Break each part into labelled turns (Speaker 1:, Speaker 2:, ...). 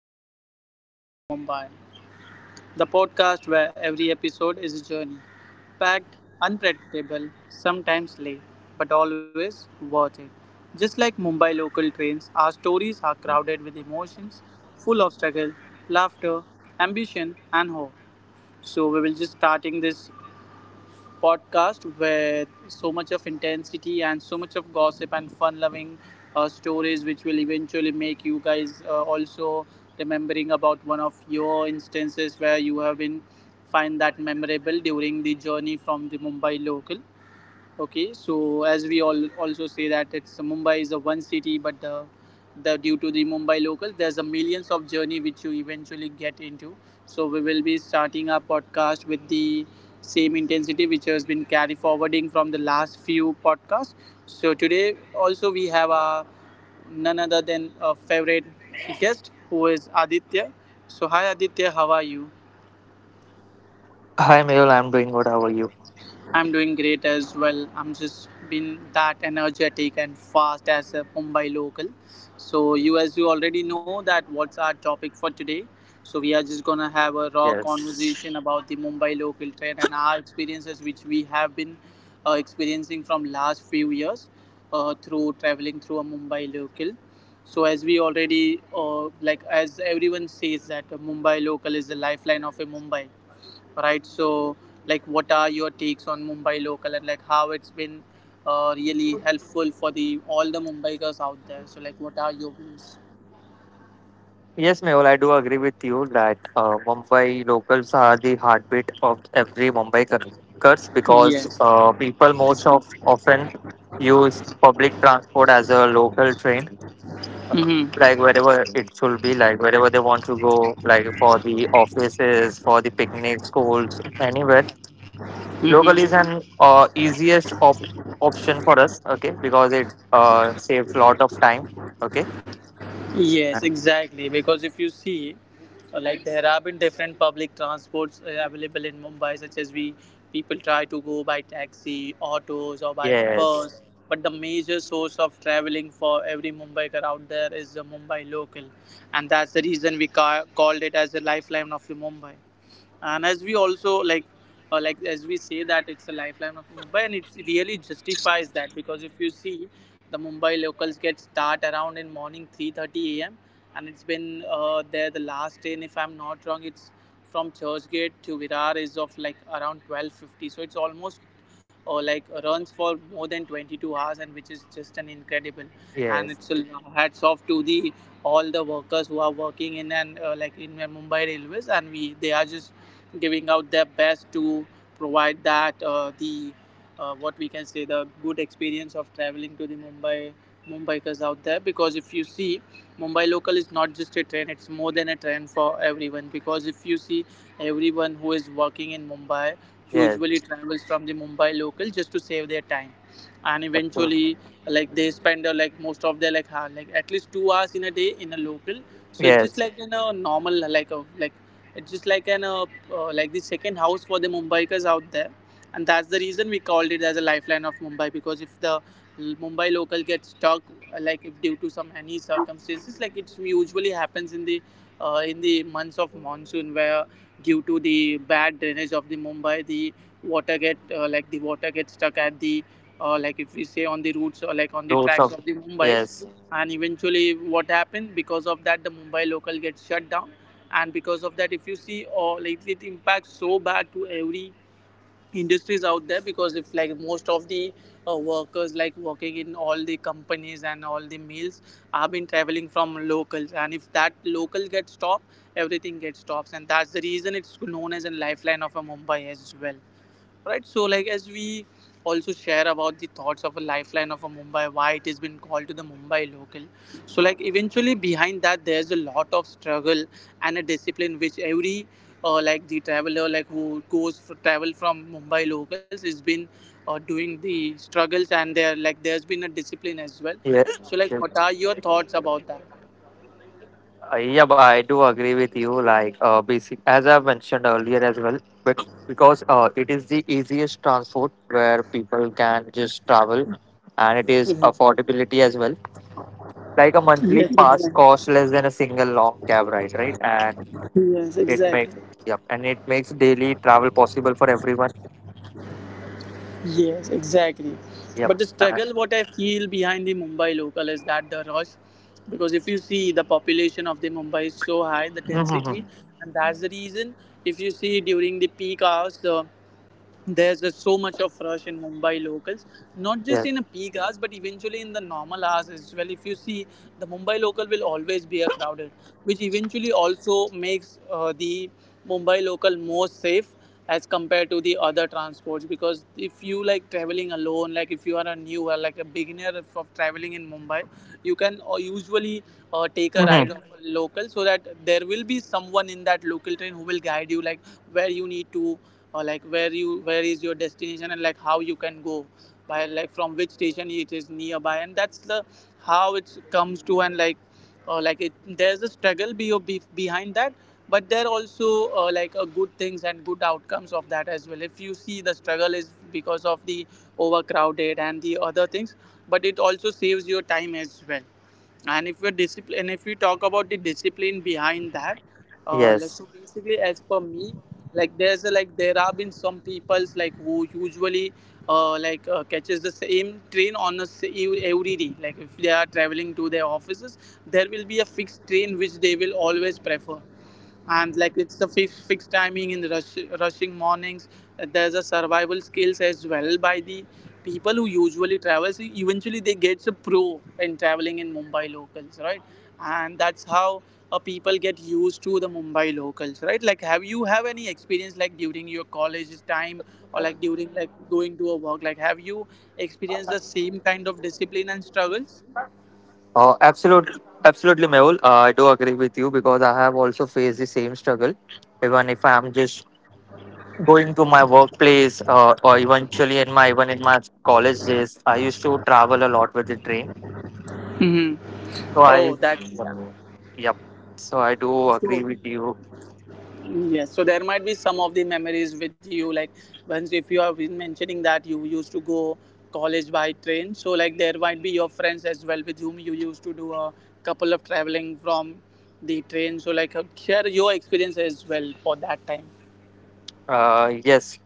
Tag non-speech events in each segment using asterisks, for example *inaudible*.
Speaker 1: Welcome to Ticket to Mumbai, the podcast where every episode is a journey, packed, unpredictable, sometimes late, but always worth it. Just like Mumbai local trains, our stories are crowded with emotions, full of struggle, laughter, ambition, and hope. So we will just starting this podcast with so much of intensity and so much of gossip and fun loving stories, which will eventually make you guys also remembering about one of your instances where you have been find that memorable during the journey from the Mumbai local. Okay, so as we all also say that it's Mumbai is a one city, but the due to the Mumbai locals, there's a millions of journey which you eventually get into. So we will be starting our podcast with the same intensity which has been carry forwarding from the last few podcasts. So today also we have a none other than a favorite guest who is Aditya. So hi Aditya, how are you?
Speaker 2: Hi Mehul, I'm doing good. How are you?
Speaker 1: I'm doing great as well. I'm just been that energetic and fast as a Mumbai local. So you, as you already know, that what's our topic for today. So we are just gonna have a raw
Speaker 2: Yes.
Speaker 1: conversation about the Mumbai local train and our experiences, which we have been experiencing from last few years through traveling through a Mumbai local. So as we already like as everyone says that a Mumbai local is the lifeline of a Mumbai, right? So like what are your takes on Mumbai local and like how it's been really helpful for the all the Mumbaikers out there? So like what are your views?
Speaker 2: Yes, Mehul, I do agree with you that Mumbai locals are the heartbeat of every Mumbaikars because
Speaker 1: Yes.
Speaker 2: people most of often use public transport as a local train,
Speaker 1: Mm-hmm.
Speaker 2: like wherever it should be, like wherever they want to go, like for the offices, for the picnic, schools, anywhere. Local is
Speaker 1: Mm-hmm.
Speaker 2: an option for us, okay, because it saves lot of time, okay.
Speaker 1: Yes, exactly. Because if you see, like there have been different public transports available in Mumbai, such as we people try to go by taxi, autos, or by
Speaker 2: Yes,
Speaker 1: bus. But the major source of traveling for every Mumbaiker out there is the Mumbai local, and that's the reason we ca- called it as the lifeline of the Mumbai. And as we also like as we say that it's a lifeline of Mumbai, and it really justifies that, because if you see the Mumbai locals get start around in morning 3:30 a.m. And it's been there the last train, if I'm not wrong, it's from Churchgate to Virar is of like around 12:50. So it's almost or like runs for more than 22 hours, and which is just an incredible. And
Speaker 2: yes,
Speaker 1: it's a hats off to the all the workers who are working in and like in Mumbai railways, and we they are just giving out their best to provide that the what we can say the good experience of traveling to the Mumbai Mumbaikers out there. Because if you see, Mumbai local is not just a train, it's more than a train for everyone. Because if you see, everyone who is working in Mumbai usually
Speaker 2: yes,
Speaker 1: travels from the Mumbai local just to save their time. And eventually
Speaker 2: absolutely.
Speaker 1: like they spend like most of their like ha- like at least 2 hours in a day in a local. So it's just
Speaker 2: Yes.
Speaker 1: like in a normal like a like it's just like an like the second house for the Mumbaikars out there, and that's the reason we called it as a lifeline of Mumbai. Because if the Mumbai local gets stuck, like if due to some any circumstances, like it usually happens in the months of monsoon, where due to the bad drainage of the Mumbai, the water get like the water gets stuck at the like if we say on the routes or like on the
Speaker 2: Roots
Speaker 1: tracks
Speaker 2: of,
Speaker 1: of the Mumbai's.
Speaker 2: yes,
Speaker 1: And eventually what happened, because of that the Mumbai local gets shut down. And because of that, if you see or like it impacts so bad to every industries out there. Because if like most of the workers like working in all the companies and all the mills have been traveling from locals, and if that local gets stopped, everything gets stops, and that's the reason it's known as a lifeline of a Mumbai as well, right? So like as we also share about the thoughts of a lifeline of a Mumbai, why it has been called to the Mumbai local, so like eventually behind that there's a lot of struggle and a discipline which every like the traveler like who goes for travel from Mumbai locals has been doing the struggles, and there like there's been a discipline as well. So
Speaker 2: yes.
Speaker 1: like what are
Speaker 2: Yes.
Speaker 1: your thoughts about that?
Speaker 2: Yeah, but I do agree with you. Like, basic as I mentioned earlier as well, but because it is the easiest transport where people can just travel, and it is
Speaker 1: Mhm.
Speaker 2: affordability as well. Like a monthly
Speaker 1: Yes,
Speaker 2: pass
Speaker 1: exactly.
Speaker 2: costs less than a single long cab ride, right? And
Speaker 1: Yes,
Speaker 2: it
Speaker 1: exactly.
Speaker 2: makes, yep, and it makes daily travel possible for everyone.
Speaker 1: Yes, exactly.
Speaker 2: Yep,
Speaker 1: But the
Speaker 2: and
Speaker 1: struggle, what I feel behind the Mumbai local, is that the rush. Because if you see, the population of the Mumbai is so high, the
Speaker 2: *laughs* mhm,
Speaker 1: density,
Speaker 2: mhm.
Speaker 1: and that's the reason. If you see during the peak hours, the there's just so much of rush in Mumbai locals, not just
Speaker 2: Yes.
Speaker 1: in a peak hours, but eventually in the normal hours as well. If you see, the Mumbai local will always be a crowded, which eventually also makes the Mumbai local more safe as compared to the other transports. Because if you like traveling alone, like if you are a newer like a beginner of traveling in Mumbai, you can usually take a
Speaker 2: Mhm.
Speaker 1: ride of a local, so that there will be someone in that local train who will guide you like where you need to, or like where you where is your destination, and like how you can go by like from which station it is nearby. And that's the how it comes to. And like it, there's a struggle behind that. But there are also like good things and good outcomes of that as well. If you see, the struggle is because of the overcrowded and the other things, but it also saves your time as well. And if we're discipline, and if we talk about the discipline behind that,
Speaker 2: Yes.
Speaker 1: like so basically as per me, like there's a, like there have been some peoples like who usually like catches the same train on a s- ev- every day. Like if they are traveling to their offices, there will be a fixed train which they will always prefer. And like it's the fixed timing in the rushing mornings, there's a survival skills as well by the people who usually travel. So eventually they get a pro in traveling in Mumbai locals, right? And that's how people get used to the Mumbai locals, right? Like have you have any experience like during your college time, or like during like going to a work, like have you experienced the same kind of discipline and struggles?
Speaker 2: Absolutely, absolutely, Mehul. I do agree with you because I have also faced the same struggle. Even if I am just going to my workplace or eventually in my even in my college days, I used to travel a lot with the train.
Speaker 1: Mm-hmm.
Speaker 2: So
Speaker 1: Oh,
Speaker 2: I,
Speaker 1: that's yeah.
Speaker 2: yep. So I do agree
Speaker 1: So
Speaker 2: with you.
Speaker 1: yes, so there might be some of the memories with you. Like once, if you have been mentioning that you used to go college by train, so like there might be your friends as well with whom you used to do a couple of traveling from the train. So like share your experience as well for that time.
Speaker 2: Uh, yes,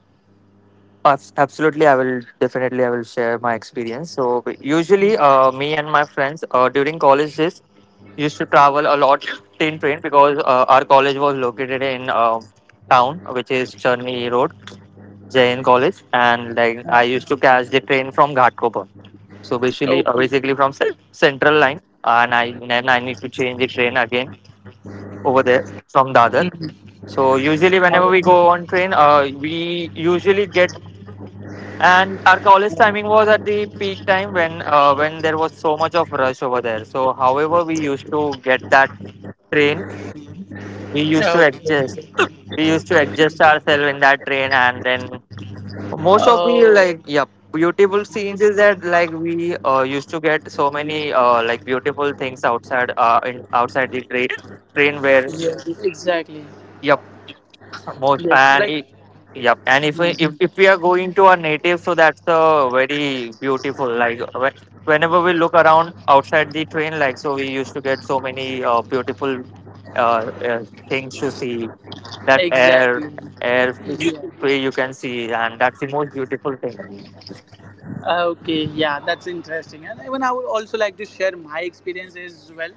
Speaker 2: abs- absolutely. I will definitely I will share my experience. So usually, me and my friends during college days, used to travel a lot in train because our college was located in town, which is Charni Road, Jain College, and like I used
Speaker 1: Yeah.
Speaker 2: to catch the train from Ghatkopar. So basically, uh,
Speaker 1: Okay.
Speaker 2: basically from cen- Central Line, and I then I need to change the train again over there from Dadar. So usually, whenever we
Speaker 1: Wow.
Speaker 2: go on train, we usually get, and our college timing was at the peak time when there was so much of rush over there. So however, we used to get that train, we used to
Speaker 1: Okay.
Speaker 2: adjust we used to adjust ourselves in that train, and then most of the
Speaker 1: Oh,
Speaker 2: like yeah beautiful scenes is that like we used to get so many like beautiful things outside in outside the train where,
Speaker 1: yes, exactly.
Speaker 2: yep, most
Speaker 1: Yes, so
Speaker 2: and
Speaker 1: like
Speaker 2: it, yep and if, if we are going to a native so that's a very beautiful like whenever we look around outside the train, like so we used to get so many beautiful uh, things to see, that air,
Speaker 1: exactly.
Speaker 2: air
Speaker 1: Yeah.
Speaker 2: way you can see, and that's the most beautiful thing.
Speaker 1: Okay, yeah, that's interesting. And even I would also like to share my experience as well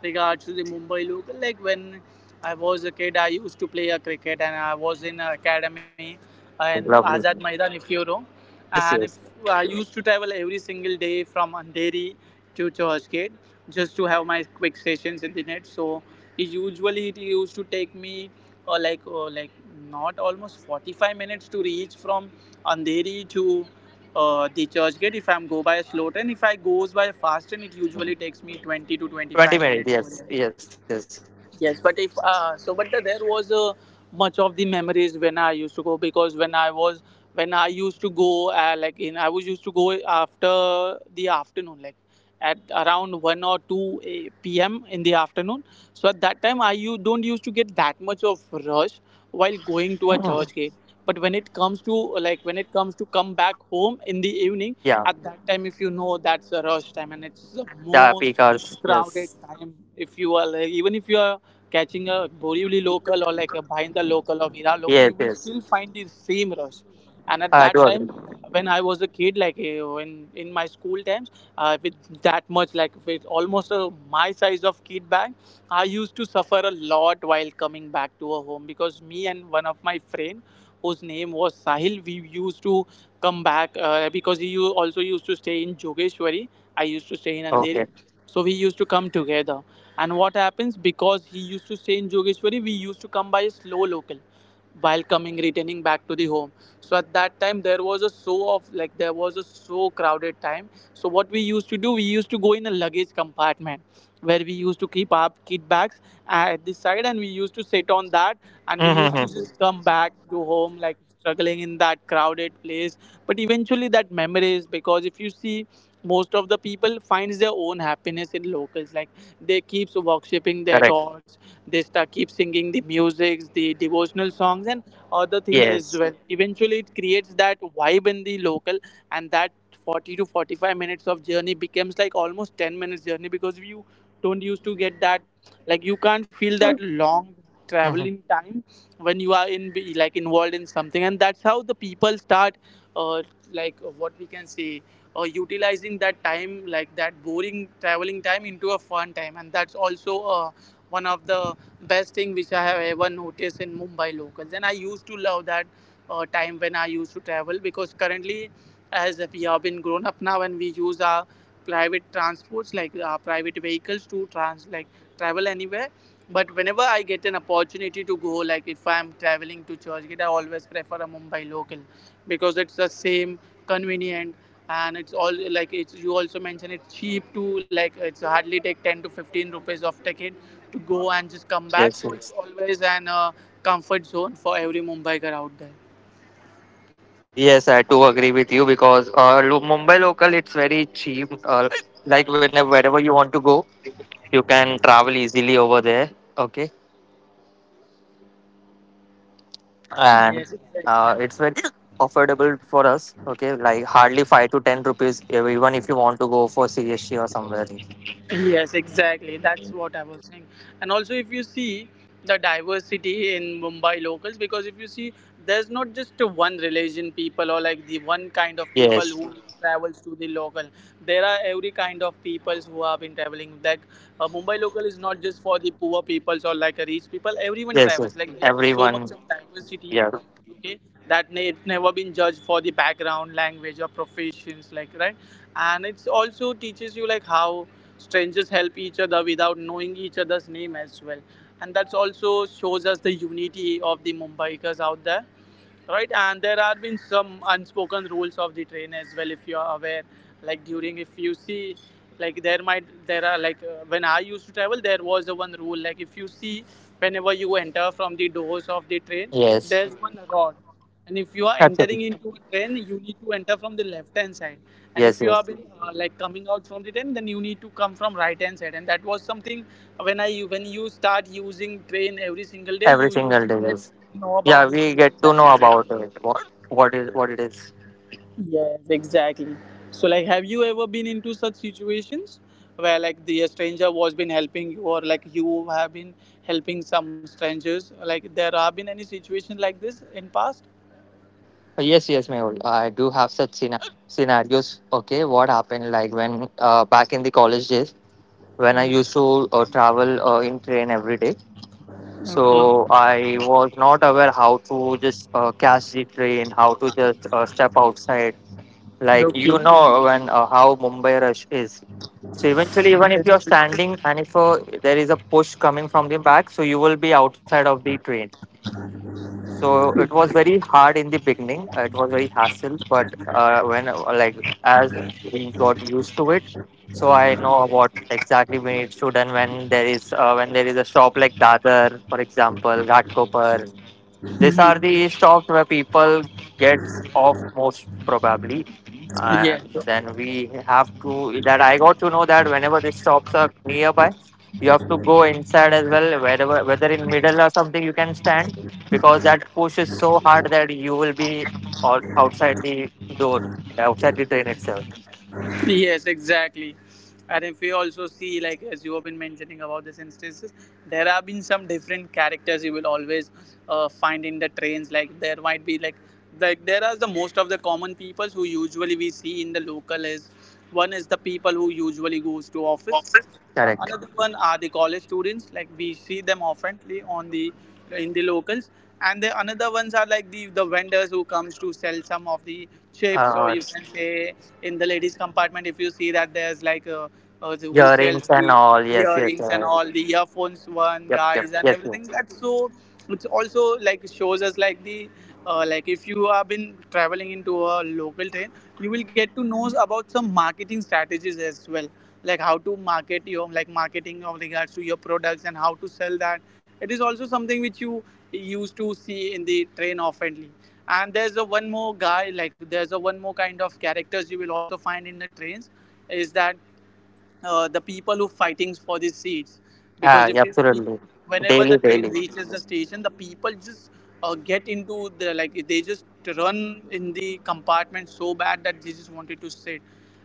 Speaker 1: regards to the Mumbai local. Like when I was a kid, I used to play a cricket and I was in an academy in
Speaker 2: Oh
Speaker 1: Azad
Speaker 2: lovely,
Speaker 1: Maidan, if you know. And
Speaker 2: yes
Speaker 1: if
Speaker 2: yes.
Speaker 1: I used to travel every single day from Andheri to Churchgate just to have my quick sessions in the net. So it usually it used to take me like not almost 45 minutes to reach from Andheri to the church gate if I'm go by a slow train. If I goes by a fast train, it usually takes me 20 to
Speaker 2: 20
Speaker 1: 25
Speaker 2: minutes,
Speaker 1: minutes over
Speaker 2: yes
Speaker 1: there.
Speaker 2: yes yes.
Speaker 1: Yes, but if so, but the, there was much of the memories when I used to go. Because when I was when I used to go like in I was used to go after the afternoon, like at around one or two a- p.m. in the afternoon. So at that time I you don't used to get that much of rush while going to
Speaker 2: Mhm.
Speaker 1: a church gate. But when it comes to like when it comes to come back home in the evening,
Speaker 2: Yeah,
Speaker 1: at that time if you know that's a rush time, and it's the
Speaker 2: the
Speaker 1: most
Speaker 2: because, yes
Speaker 1: crowded time. If you are like even if you are catching a Borivali local, or like a Bhainda local or Hira local,
Speaker 2: yes
Speaker 1: you will
Speaker 2: yes,
Speaker 1: still find the same rush. And at
Speaker 2: I do
Speaker 1: that
Speaker 2: agree.
Speaker 1: time, when I was a kid, when in my school times, with that much, like with almost my size of kid bag, I used to suffer a lot while coming back to a home, because me and one of my friend, whose name was Sahil, we used to come back because he also used to stay in Jogeshwari. I used to stay in Andheri.
Speaker 2: Okay.
Speaker 1: So we used to come together. And what happens, because he used to stay in Jogeshwari, we used to come by a slow local while coming returning back to the home. So at that time there was a so of like there was a so crowded time. So what we used to do, we used to go in a luggage compartment where we used to keep our kit bags at the side, and we used to sit on that,
Speaker 2: *laughs*
Speaker 1: and we used to
Speaker 2: Mm-hmm.
Speaker 1: just come back to home like struggling in that crowded place. But eventually that memories, because if you see, most of the people finds their own happiness in locals, like they keeps worshipping their
Speaker 2: Correct.
Speaker 1: gods, they start keep singing the music, the devotional songs, and other things as
Speaker 2: Yes.
Speaker 1: well. Eventually, it creates that vibe in the local, and that 40 to 45 minutes of journey becomes like almost 10 minutes journey, because you don't used to get that, like you can't feel that long
Speaker 2: Mhm.
Speaker 1: traveling time when you are in like involved in something. And that's how the people start, uh, like what we can say, utilizing that time, like that boring traveling time into a fun time, and that's also one of the best thing which I have ever noticed in Mumbai locals. And I used to love that time when I used to travel, because currently, as we have been grown up now, and we use our private transports, like our private vehicles, to trans like travel anywhere. But whenever I get an opportunity to go, like if I'm traveling to Churchgate, I always prefer a Mumbai local, because it's the same, convenient, and it's all like, it's, you also mentioned, it's cheap to like it's hardly take 10 to 15 rupees of ticket to go and just come back.
Speaker 2: Yes,
Speaker 1: So
Speaker 2: yes.
Speaker 1: it's always an comfort zone for every Mumbaikar out there.
Speaker 2: Yes, I do agree with you because Mumbai local it's very cheap. Like whenever wherever you want to go, you can travel easily over there. Okay, and
Speaker 1: Yes, exactly.
Speaker 2: it's very *coughs* affordable for us. Okay, like hardly five to ten rupees even if you want to go for CSC or somewhere.
Speaker 1: Yes, exactly. That's what I was saying. And also, if you see the diversity in Mumbai locals, because if you see, there's not just one religion people, or like the one kind of people
Speaker 2: Yes,
Speaker 1: who travels to the local. There are every kind of peoples who have been traveling. Like Mumbai local is not just for the poor peoples or like a rich people. Everyone
Speaker 2: yes, yes.
Speaker 1: travels. Like there's so much
Speaker 2: Everyone,
Speaker 1: of diversity.
Speaker 2: yeah,
Speaker 1: Okay, it's never been judged for the background, language, or professions. Like, right, and it's also teaches you like how strangers help each other without knowing each other's name as well, and that's also shows us the unity of the Mumbaikars out there, right. And there have been some unspoken rules of the train as well, if you are aware. Like, during, if you see, there are, like, when I used to travel there was a one rule. Like, if you see, whenever you enter from the doors of the train,
Speaker 2: yes,
Speaker 1: there's one rod, and if you are
Speaker 2: absolutely,
Speaker 1: entering into a train, you need to enter from the left hand side. And if
Speaker 2: yes,
Speaker 1: you are
Speaker 2: yes.
Speaker 1: been, like, coming out from the train, then you need to come from right hand side. And that was something, when you start using train every single day,
Speaker 2: Every
Speaker 1: you used
Speaker 2: single day,
Speaker 1: to get
Speaker 2: yes.
Speaker 1: to know about
Speaker 2: Yeah,
Speaker 1: these
Speaker 2: we
Speaker 1: rules
Speaker 2: get to
Speaker 1: and
Speaker 2: know
Speaker 1: everything.
Speaker 2: about it. What is what it is.
Speaker 1: Yes, exactly. So, like, have you ever been into such situations where, like, the stranger was been helping you, or like you have been helping some strangers? Like, there have been any situations like this in past?
Speaker 2: Oh, yes, yes, Mehul. I do have such scena- scenarios. Okay, what happened like when back in the college days when I used
Speaker 1: Hmm.
Speaker 2: to travel in train every day.
Speaker 1: Okay.
Speaker 2: So I was not aware how to just catch the train, how to just step outside. Like you
Speaker 1: Okay.
Speaker 2: know when how Mumbai rush is. So eventually, even if you're standing and if there is a push coming from the back, so you will be outside of the train, so it was very hard in the beginning. It was very hassle, but when as we got used to it, so I know what exactly we need to do. And when there is a shop like Dadar, for example, Ghatkopar, these are the stops where people gets off most probably, and
Speaker 1: Yes,
Speaker 2: then we have to. That I got to know that whenever the stops are nearby, you have to go inside as well. Wherever, whether in middle or something, you can stand because that push is so hard that you will be all outside the door, outside the train itself.
Speaker 1: yes, exactly. And if we also see, like, as you have been mentioning about these instances, there have been some different characters you will always find in the trains. Like there might be Like there are the most of the common people who usually we see in the local. Is, one is the people who usually goes to office. The
Speaker 2: Correct.
Speaker 1: another one are the college students, like we see them oftenly on the in the locals, and the another ones are like the vendors who comes to sell some of the chips, or
Speaker 2: Uh,
Speaker 1: you can say, in the ladies compartment, if you see, that there's like a, who sells
Speaker 2: earrings and
Speaker 1: the
Speaker 2: all. Yes, yes.
Speaker 1: earrings and all, the earphones one
Speaker 2: Yep, yep.
Speaker 1: guys, and
Speaker 2: Yes,
Speaker 1: everything.
Speaker 2: yes.
Speaker 1: That's so. It's also like shows us like the like if you have been traveling into a local train, you will get to know about some marketing strategies as well, like how to market your, like, marketing of regards to your products and how to sell that. It is also something which you used to see in the train oftenly. And there's a one more kind of characters you will also find in the trains. Is that, the people who fighting for these seats. Because
Speaker 2: Ah,
Speaker 1: if you see,
Speaker 2: absolutely.
Speaker 1: whenever the
Speaker 2: Daily,
Speaker 1: train
Speaker 2: daily.
Speaker 1: reaches the station, the people just get into the like they just run in the compartment so bad that they just wanted to sit.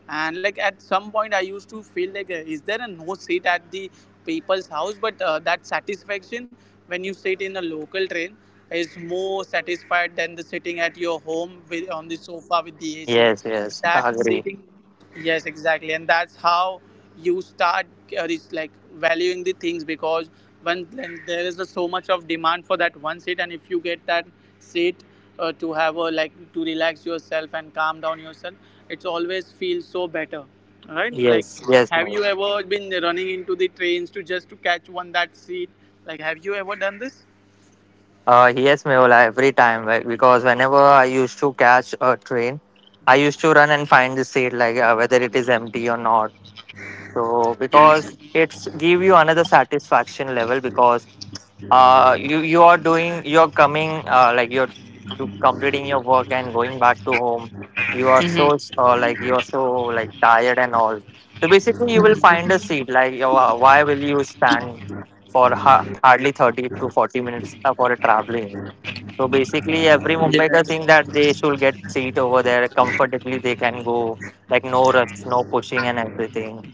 Speaker 1: And, like, at some point I used to feel like, is there a no seat at the people's house? But that satisfaction when you sit in a local train is more satisfied than the sitting at your home on the sofa with the ac.
Speaker 2: Yes, yes,
Speaker 1: That
Speaker 2: agree.
Speaker 1: sitting. Yes, exactly, and that's how you start, is, like, valuing the things. Because when there is so much of demand for that one seat, and if you get that seat, to have a, like, to relax yourself and calm down yourself, it's always feels so better, right? Like,
Speaker 2: Yes, yes,
Speaker 1: have you
Speaker 2: Mehul.
Speaker 1: ever been running into the trains, to just to catch one that seat? Like, have you ever done this?
Speaker 2: Yes, Mehul, I- every time like, because whenever I used to catch a train, I used to run and find the seat, like whether it is empty or not. So, because it's give you another satisfaction level because you are doing, you are coming like you're to completing your work and going back to home, you are so like you're so like tired and all, so basically you will find a seat, like you are- why will you stand for hardly 30 to 40 minutes for a traveling, so basically every
Speaker 1: Yes.
Speaker 2: mumbaikar think that they should get seat over there comfortably, they can go, like no rush, no pushing and everything.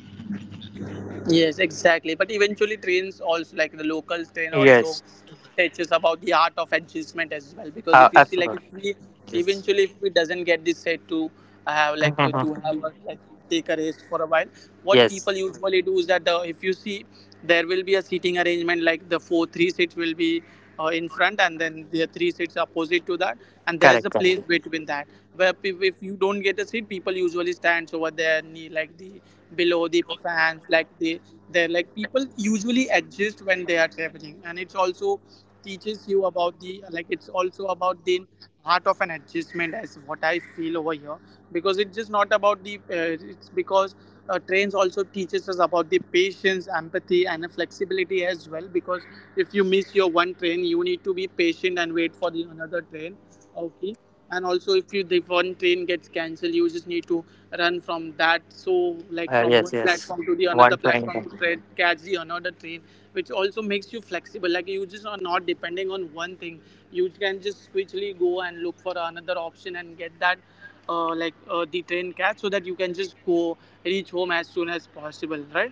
Speaker 1: Yes, exactly. But eventually, trains also, like the local train also
Speaker 2: Yes.
Speaker 1: teaches about the art of adjustment as well. Because if you see, like, if
Speaker 2: Absolutely.
Speaker 1: we
Speaker 2: Yes.
Speaker 1: eventually if we doesn't get this set to have, like, to
Speaker 2: *laughs*
Speaker 1: have like, take a rest for a while, what
Speaker 2: Yes.
Speaker 1: people usually do is that, the if you see, there will be a seating arrangement, like the four three seats will be in front, and then there are three seats opposite to that, and there's
Speaker 2: Correct,
Speaker 1: a place
Speaker 2: correct.
Speaker 1: between that, where if you don't get a seat, people usually stands over there knee, like the below the fans, like the they're like people usually adjust when they are traveling. And it's also teaches you about the like it's also about the heart of an adjustment, as what I feel over here. Because it's just not about the it's because trains also teaches us about the patience, empathy, and the flexibility as well. Because if you miss your one train, you need to be patient and wait for the another train. Okay. And also, if you the one train gets cancelled, you just need to run from that, so, like, from
Speaker 2: Yes,
Speaker 1: one
Speaker 2: yes.
Speaker 1: platform to the another
Speaker 2: One trying.
Speaker 1: platform, to catch the another train, which also makes you flexible. Like, you just are not depending on one thing, you can just quickly go and look for another option and get that the train catch, so that you can just go reach home as soon as possible, right?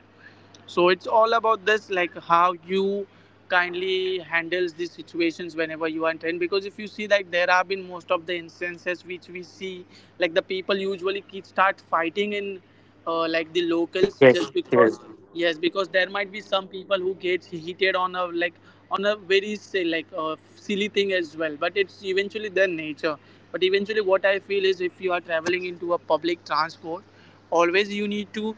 Speaker 1: So it's all about this, like how you kindly handles these situations whenever you are in train. Because if you see, like, there have been most of the instances which we see, like the people usually keep start fighting in, like, the
Speaker 2: Yes, yes,
Speaker 1: locals, just because. Yes. Because there might be some people who get heated on a very, say, like, silly thing as well, but it's eventually their nature. But eventually what I feel is, if you are traveling into a public transport, always you need to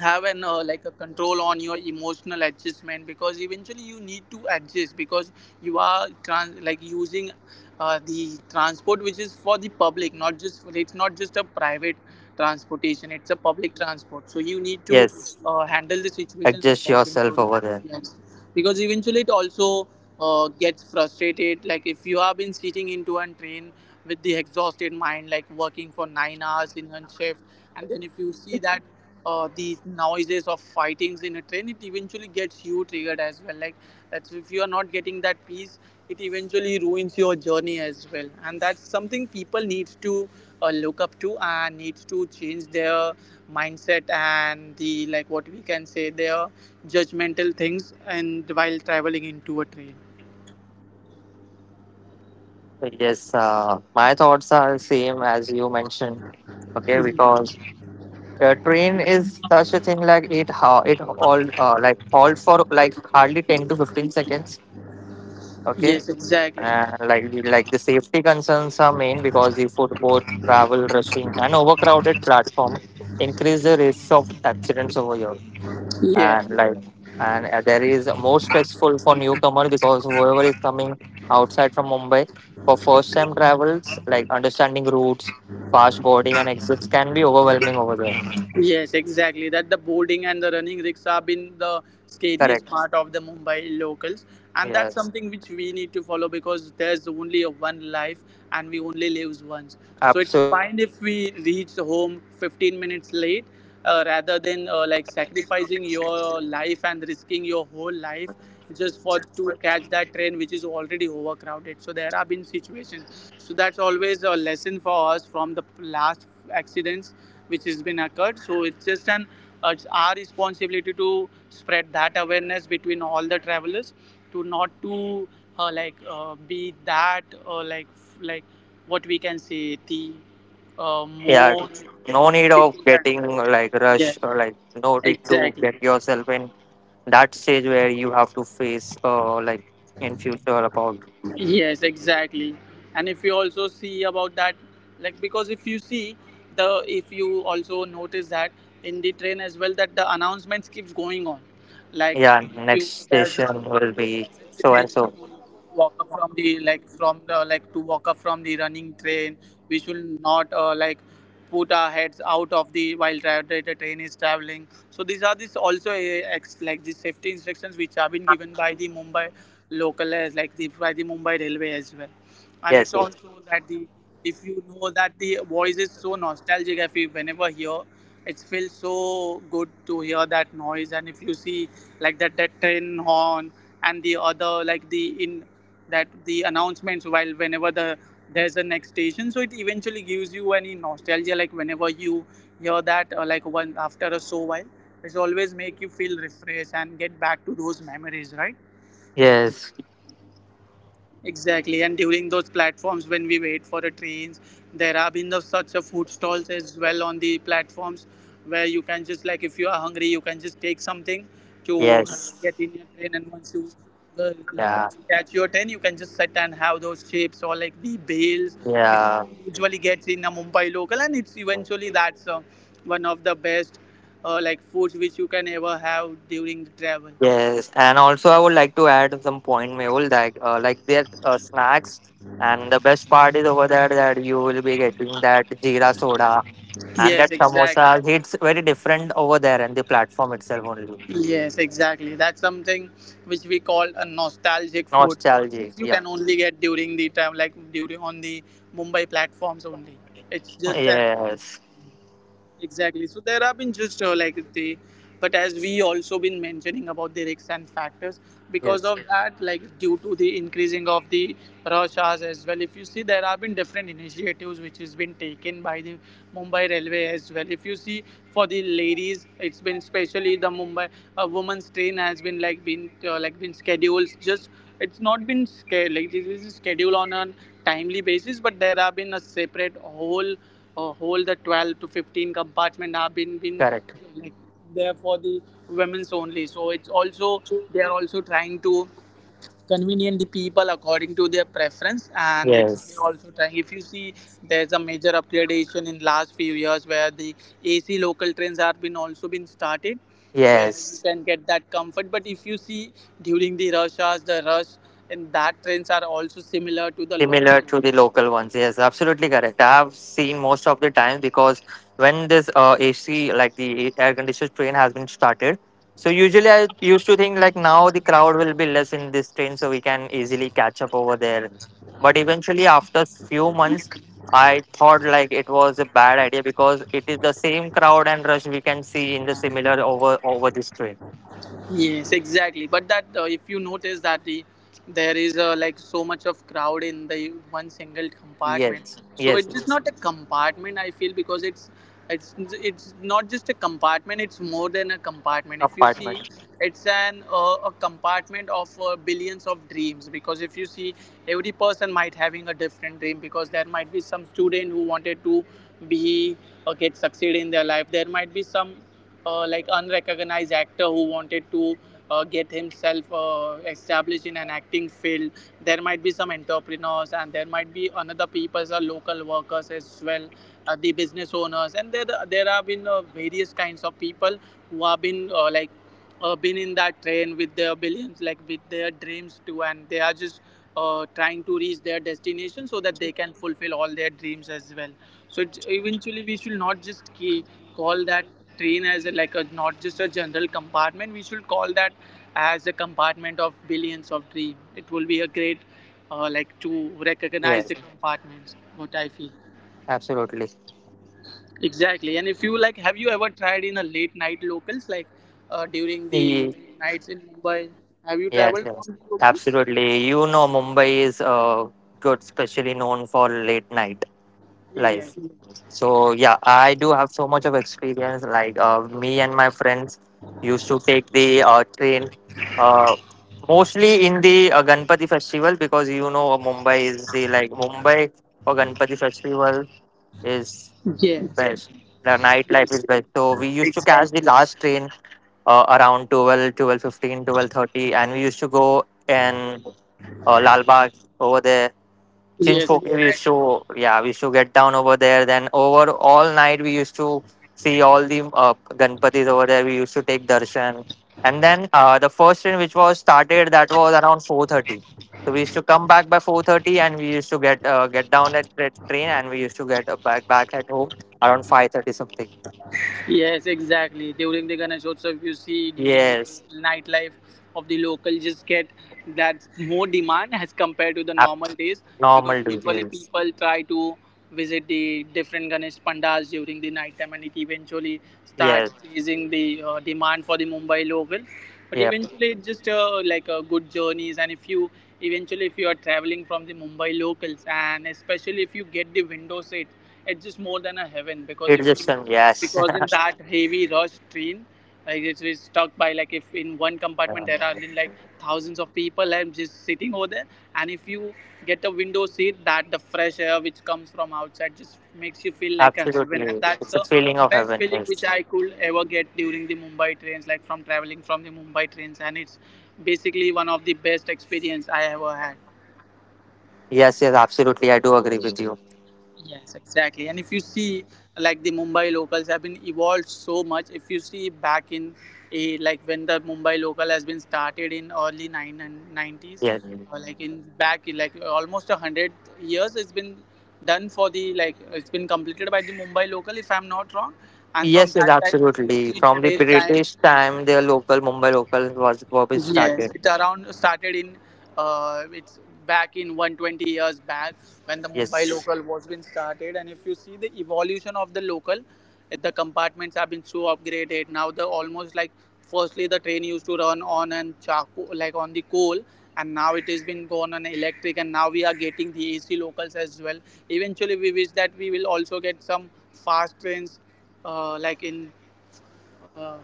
Speaker 1: have an like a control on your emotional adjustment. Because eventually you need to adjust, because you are like, using the transport which is for the public. Not just, it's not just a private transportation, it's a public transport, so you need to
Speaker 2: yes.
Speaker 1: handle the situations
Speaker 2: Adjust
Speaker 1: according to
Speaker 2: yourself over
Speaker 1: that.
Speaker 2: there.
Speaker 1: Yes. Because eventually it also gets frustrated, like if you have been sitting into a train with the exhausted mind, like working for 9 hours in one shift. And then if you see that, these noises of fightings in a train, it eventually gets you triggered as well. Like, that's, if you are not getting that peace, it eventually ruins your journey as well. And that's something people need to look up to and need to change their mindset and the like what we can say their judgmental things and while traveling into a train.
Speaker 2: Yes, my thoughts are same as you mentioned. Okay, because train is such a thing like it how it all like halt for like hardly 10 to 15 seconds. Okay,
Speaker 1: Yes, exactly.
Speaker 2: and like the safety concerns are main because the footboard, travel, rushing, and overcrowded platform increase the risk of accidents over here.
Speaker 1: Yes.
Speaker 2: And like, and there is more stressful for newcomer because whoever is coming outside from Mumbai for first time travels like understanding routes, fast boarding and exits can be overwhelming over there.
Speaker 1: Yes, exactly. That the boarding and the running rigs have been the scariest
Speaker 2: Correct.
Speaker 1: part of the Mumbai locals, and that's
Speaker 2: Yes.
Speaker 1: something which we need to follow because there's only a one life and we only live once. So it's
Speaker 2: Absolutely.
Speaker 1: fine if we reach home 15 minutes late, rather than like sacrificing your life and risking your whole life just for to catch that train, which is already overcrowded. So there have been situations, so that's always a lesson for us from the last accidents which has been occurred. So it's just an it's our responsibility to spread that awareness between all the travelers to not to be that uh, like like what we can say the
Speaker 2: Yeah,
Speaker 1: more like,
Speaker 2: no
Speaker 1: to
Speaker 2: need
Speaker 1: get
Speaker 2: of
Speaker 1: into that.
Speaker 2: getting like rush
Speaker 1: Yeah,
Speaker 2: or like, no need to
Speaker 1: exactly.
Speaker 2: get yourself in that stage where you have to face like in future about.
Speaker 1: Yes, exactly. And if you also see about that, like because if you see if you also notice that in the train as well, that the announcements keeps going on. Like
Speaker 2: Yeah,
Speaker 1: if
Speaker 2: next
Speaker 1: you there's a,
Speaker 2: station will be
Speaker 1: yes, it's a
Speaker 2: so and
Speaker 1: danger
Speaker 2: so.
Speaker 1: to walk up from the like from the to walk up from the running train. We should not put our heads out of the while the train is traveling. So these are these also like the safety instructions which have been given by the Mumbai local, as like the by the Mumbai railway as well. And
Speaker 2: Yes,
Speaker 1: it's
Speaker 2: yes,
Speaker 1: also that the if you know that the voice is so nostalgic, if you whenever hear, it feels so good to hear that noise. And if you see like that train horn and the other like the in that the announcements, while whenever the there's a next station, so it eventually gives you any nostalgia, like whenever you hear that like one after a so while, it's always make you feel refreshed and get back to those memories, right?
Speaker 2: yes,
Speaker 1: Exactly, and during those platforms when we wait for the trains, there have been such a food stalls as well on the platforms where you can just like, if you are hungry, you can just take something to
Speaker 2: yes.
Speaker 1: get in your train. And once you the like
Speaker 2: Yeah,
Speaker 1: once you catch your train, you can just sit and have those chips or like the bales which
Speaker 2: yeah.
Speaker 1: you usually gets in a Mumbai local. And it's eventually that's one of the best like foods which you can ever have during the travel.
Speaker 2: Yes, and also I would like to add some point, Mehul, like their snacks, and the best part is over there that you will be getting that jeera soda and
Speaker 1: Yes,
Speaker 2: that samosa.
Speaker 1: exactly.
Speaker 2: It's very different over there and the platform itself only.
Speaker 1: Yes, exactly. That's something which we call a nostalgic food, which
Speaker 2: Nostalgic.
Speaker 1: you
Speaker 2: Yep.
Speaker 1: can only get during the time, like during on the Mumbai platforms only. It's just an
Speaker 2: Yes.
Speaker 1: exactly. So there have been just but as we also been mentioning about the risks and factors, because
Speaker 2: Yes.
Speaker 1: of that, like due to the increasing of the rush hours as well. If you see, there have been different initiatives which has been taken by the Mumbai Railway as well. If you see, for the ladies, it's been especially the Mumbai women's train has been like been been scheduled just. It's not been scheduled like this is scheduled on a timely basis, but there have been a separate whole the 12 to 15 compartment have been
Speaker 2: Correct.
Speaker 1: like there for the women's only. So it's also they are also trying to convenient the people according to their preference. And it's they
Speaker 2: Yes.
Speaker 1: also trying, if you see, there's a major upgradation in last few years where the AC local trains have been also been started, where you
Speaker 2: Yes.
Speaker 1: can get that comfort. But if you see, during the rush hours, the rush and that trains are also similar to the
Speaker 2: Similar
Speaker 1: local.
Speaker 2: to the local ones, yes, absolutely correct. I have seen most of the time because when this AC, like the air conditioned train, has been started, so usually I used to think like now the crowd will be less in this train, so we can easily catch up over there. But eventually, after few months, I thought like it was a bad idea because it is the same crowd and rush we can see in the similar over this train.
Speaker 1: Yes, exactly. But that if you notice that the there is like so much of crowd in the one single compartment,
Speaker 2: Yes,
Speaker 1: so
Speaker 2: yes,
Speaker 1: it is
Speaker 2: yes.
Speaker 1: not a compartment, I feel, because it's not just a compartment. It's more than a compartment. If you see,
Speaker 2: Apartment.
Speaker 1: it's an a compartment of billions of dreams. Because if you see, every person might having a different dream. Because there might be some student who wanted to be or get succeed in their life. There might be some like unrecognized actor who wanted to get himself established in an acting field. There might be some entrepreneurs, and there might be another people, local workers as well, the business owners. And there have been various kinds of people who have been been in that train with their billions like with their dreams too. And they are just trying to reach their destination so that they can fulfill all their dreams as well. So it, eventually we should not just key, call that train as a, like a not just a general compartment. We should call that as a compartment of billions of dream. It will be a great like to recognize
Speaker 2: Yes,
Speaker 1: the compartments. What I feel
Speaker 2: absolutely.
Speaker 1: exactly. And if you like, have you ever tried in a late night locals, like during the late nights in Mumbai? Have you
Speaker 2: Yes,
Speaker 1: traveled
Speaker 2: yes,
Speaker 1: from the locals?
Speaker 2: absolutely. You know, Mumbai is good, especially known for late night
Speaker 1: Yes.
Speaker 2: life. So, yeah, I do have so much of experience. Like, me and my friends used to take the train uh, mostly in the Ganpati festival because you know, Mumbai is the like Mumbai for Ganpati festival is
Speaker 1: Yes.
Speaker 2: best. The nightlife
Speaker 1: Yes.
Speaker 2: is best. So, we used to catch
Speaker 1: Exactly.
Speaker 2: the last train around 12, 12:15, 12:30, and we used to go. And or Lalbagh over there.
Speaker 1: Yes.
Speaker 2: Chinchpok, we
Speaker 1: Exactly.
Speaker 2: used to, yeah, we used to get down over there. Then over all night, we used to see all the Ganpatis over there. We used to take darshan, and then the first train which was started that was around 4:30. So we used to come back by 4:30, and we used to get down at that train, and we used to get back at home around 5:30 something.
Speaker 1: Yes, exactly. During the Ganeshotsav, you see during the
Speaker 2: Yes,
Speaker 1: nightlife of the local, just get that more demand as compared to the normal days, because
Speaker 2: abnormal dude.
Speaker 1: usually
Speaker 2: Yes,
Speaker 1: people try to visit the different Ganesh pandals during the night time, and it eventually
Speaker 2: yes,
Speaker 1: starts chasing the demand for the Mumbai local. But
Speaker 2: yep.
Speaker 1: eventually, it's just good journeys. And if you eventually if you are traveling from the Mumbai locals, and especially if you get the window seat, it's just more than a heaven. Because
Speaker 2: It,
Speaker 1: if you it
Speaker 2: yes.
Speaker 1: was in that heavy rush train, like it's stuck by like if in one compartment there
Speaker 2: *laughs*
Speaker 1: are like thousands of people and just sitting over there. And if you get a window seat, that the fresh air which comes from outside just makes you feel like a heaven. And
Speaker 2: Absolutely.
Speaker 1: that's
Speaker 2: It's a
Speaker 1: the
Speaker 2: feeling of
Speaker 1: best
Speaker 2: heaven.
Speaker 1: feeling
Speaker 2: Yes.
Speaker 1: which I could ever get during the Mumbai trains, like from traveling from the Mumbai trains. And it's basically one of the best experience I ever had.
Speaker 2: Yes, yes, absolutely. I do agree with you.
Speaker 1: Yes, exactly. And if you see, like the Mumbai locals have been evolved so much. If you see back in, a, like when the Mumbai local has been started in early nine and nineties,
Speaker 2: Yes.
Speaker 1: or like in back in like almost 100 years, it's been done for the like it's been completed by the Mumbai local, if I'm not wrong. And from
Speaker 2: Yes, yes,
Speaker 1: that time, if you
Speaker 2: absolutely.
Speaker 1: see
Speaker 2: From the
Speaker 1: today's time,
Speaker 2: British time, their local Mumbai local was
Speaker 1: yes,
Speaker 2: started.
Speaker 1: it around started in it's back in 120 years back when the Mumbai
Speaker 2: Yes.
Speaker 1: local was been started. And if you see the evolution of the local, the compartments have been so upgraded now. The almost like firstly the train used to run on and charcoal like on the coal, and now it has been gone on electric, and now we are getting the AC locals as well. Eventually, we wish that we will also get some fast trains like in uh,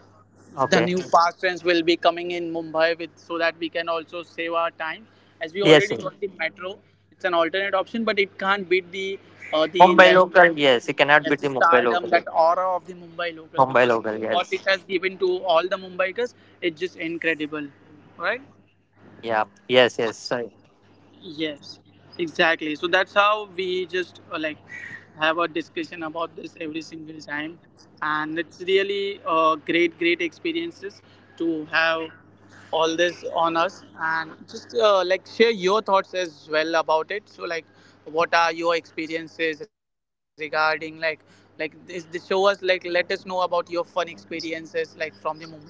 Speaker 1: the
Speaker 2: Okay.
Speaker 1: new fast trains will be coming in Mumbai with, so that we can also save our time, as we
Speaker 2: Yes,
Speaker 1: already
Speaker 2: yes.
Speaker 1: got the metro. It's an alternate option, but it can't beat the uh, the
Speaker 2: Mumbai
Speaker 1: like
Speaker 2: local. Yes, you cannot be
Speaker 1: yes, the
Speaker 2: the Mumbai
Speaker 1: stardom,
Speaker 2: local.
Speaker 1: that aura of the Mumbai local,
Speaker 2: Mumbai
Speaker 1: because
Speaker 2: local.
Speaker 1: what
Speaker 2: Yes.
Speaker 1: it has given to all the Mumbaikers, it's just incredible, right?
Speaker 2: Yeah. Yes. Yes.
Speaker 1: Yes, exactly. So that's how we just like have a discussion about this every single time, and it's really great, great experiences to have all this on us and just like share your thoughts as well about it. So like, what are your experiences regarding like like this? Show us, like let us know about your fun experiences like from the Mumbai local.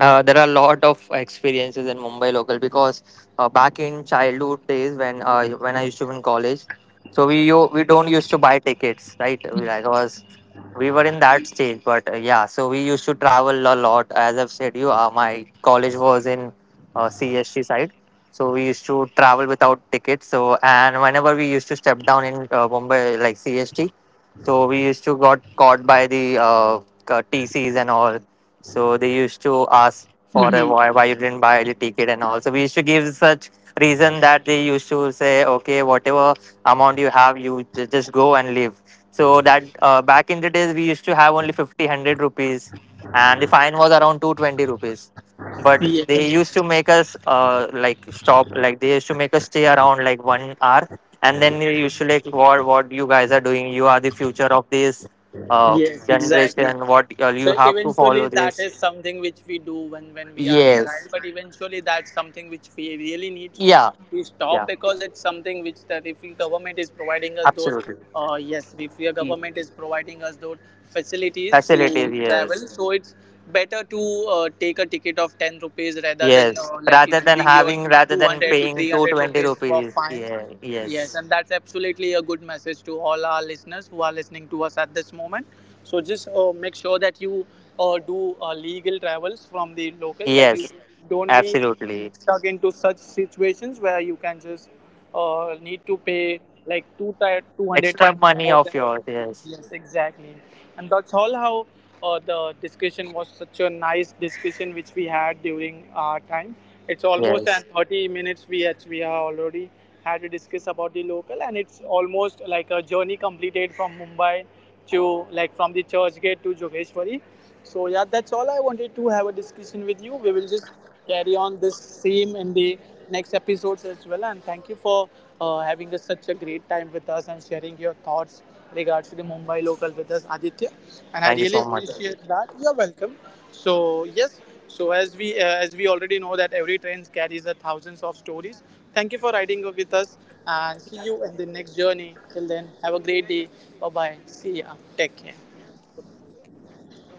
Speaker 2: Uh, there are a lot of experiences in Mumbai local because back in childhood days when I used to be in college, so we don't used to buy tickets, right? We like was, we were in that stage, but yeah, so we used to travel a lot. As I've said, you my college was in CST side, so we used to travel without tickets. So and whenever we used to step down in Mumbai like CST. So we used to got caught by the TCs and all. So they used to ask for a,
Speaker 1: Mm-hmm.
Speaker 2: why you didn't buy the ticket and all. So we used to give such reason that they used to say, okay, whatever amount you have, you just go and leave. So that back in the days we used to have only 50, 100 rupees, and the fine was around 220 rupees. But they
Speaker 1: Yes,
Speaker 2: used to make us like stop, like they used to make us stay around like 1 hour, and then you should, like what you guys are doing, you are the future of this uh,
Speaker 1: yes, exactly.
Speaker 2: generation, what you
Speaker 1: So
Speaker 2: have to follow
Speaker 1: eventually, that
Speaker 2: this.
Speaker 1: is something which we do when we are a child.
Speaker 2: Yes.
Speaker 1: But eventually, that's something which we really need
Speaker 2: Yeah.
Speaker 1: to stop,
Speaker 2: Yeah,
Speaker 1: because it's something which that if the government is providing us those,
Speaker 2: absolutely.
Speaker 1: yes, if your
Speaker 2: E-,
Speaker 1: government is providing us those facilities to
Speaker 2: facilities,
Speaker 1: travel,
Speaker 2: yes.
Speaker 1: so it's better to take a ticket of 10 rupees rather than
Speaker 2: Yes,
Speaker 1: like
Speaker 2: rather than
Speaker 1: giving your
Speaker 2: having, rather
Speaker 1: two
Speaker 2: than
Speaker 1: hundred to
Speaker 2: paying
Speaker 1: 300
Speaker 2: 220
Speaker 1: rupees for
Speaker 2: rupees,
Speaker 1: fines.
Speaker 2: yeah.
Speaker 1: Yes,
Speaker 2: Yes,
Speaker 1: and that's absolutely a good message to all our listeners who are listening to us at this moment. So just make sure that you do legal travels from the locals. Like you
Speaker 2: yes,
Speaker 1: don't be
Speaker 2: absolutely.
Speaker 1: get stuck into such situations where you can just need to pay like 200
Speaker 2: Extra
Speaker 1: times
Speaker 2: money
Speaker 1: more
Speaker 2: of
Speaker 1: than what
Speaker 2: yours,
Speaker 1: you
Speaker 2: yes.
Speaker 1: yes exactly. And that's all how the discussion was such a nice discussion which we had during our time. It's almost
Speaker 2: Yes,
Speaker 1: at 30 minutes we had, we have already had to discuss about the local. And it's almost like a journey completed from Mumbai to like from the Church Gate to Jogeshwari. So yeah, that's all I wanted to have a discussion with you. We will just carry on this same in the next episodes as well. And thank you for having a, such a great time with us and sharing your thoughts regards to the Mumbai local with us, Aditya. And I
Speaker 2: thank you
Speaker 1: really
Speaker 2: so much.
Speaker 1: appreciate that. You're welcome. So yes, so as we already know that every train carries a thousands of stories. Thank you for riding with us, and see you in the next journey. Till then, have a great day. Bye bye. See ya. Take care.
Speaker 2: Bye, may all take care, bye.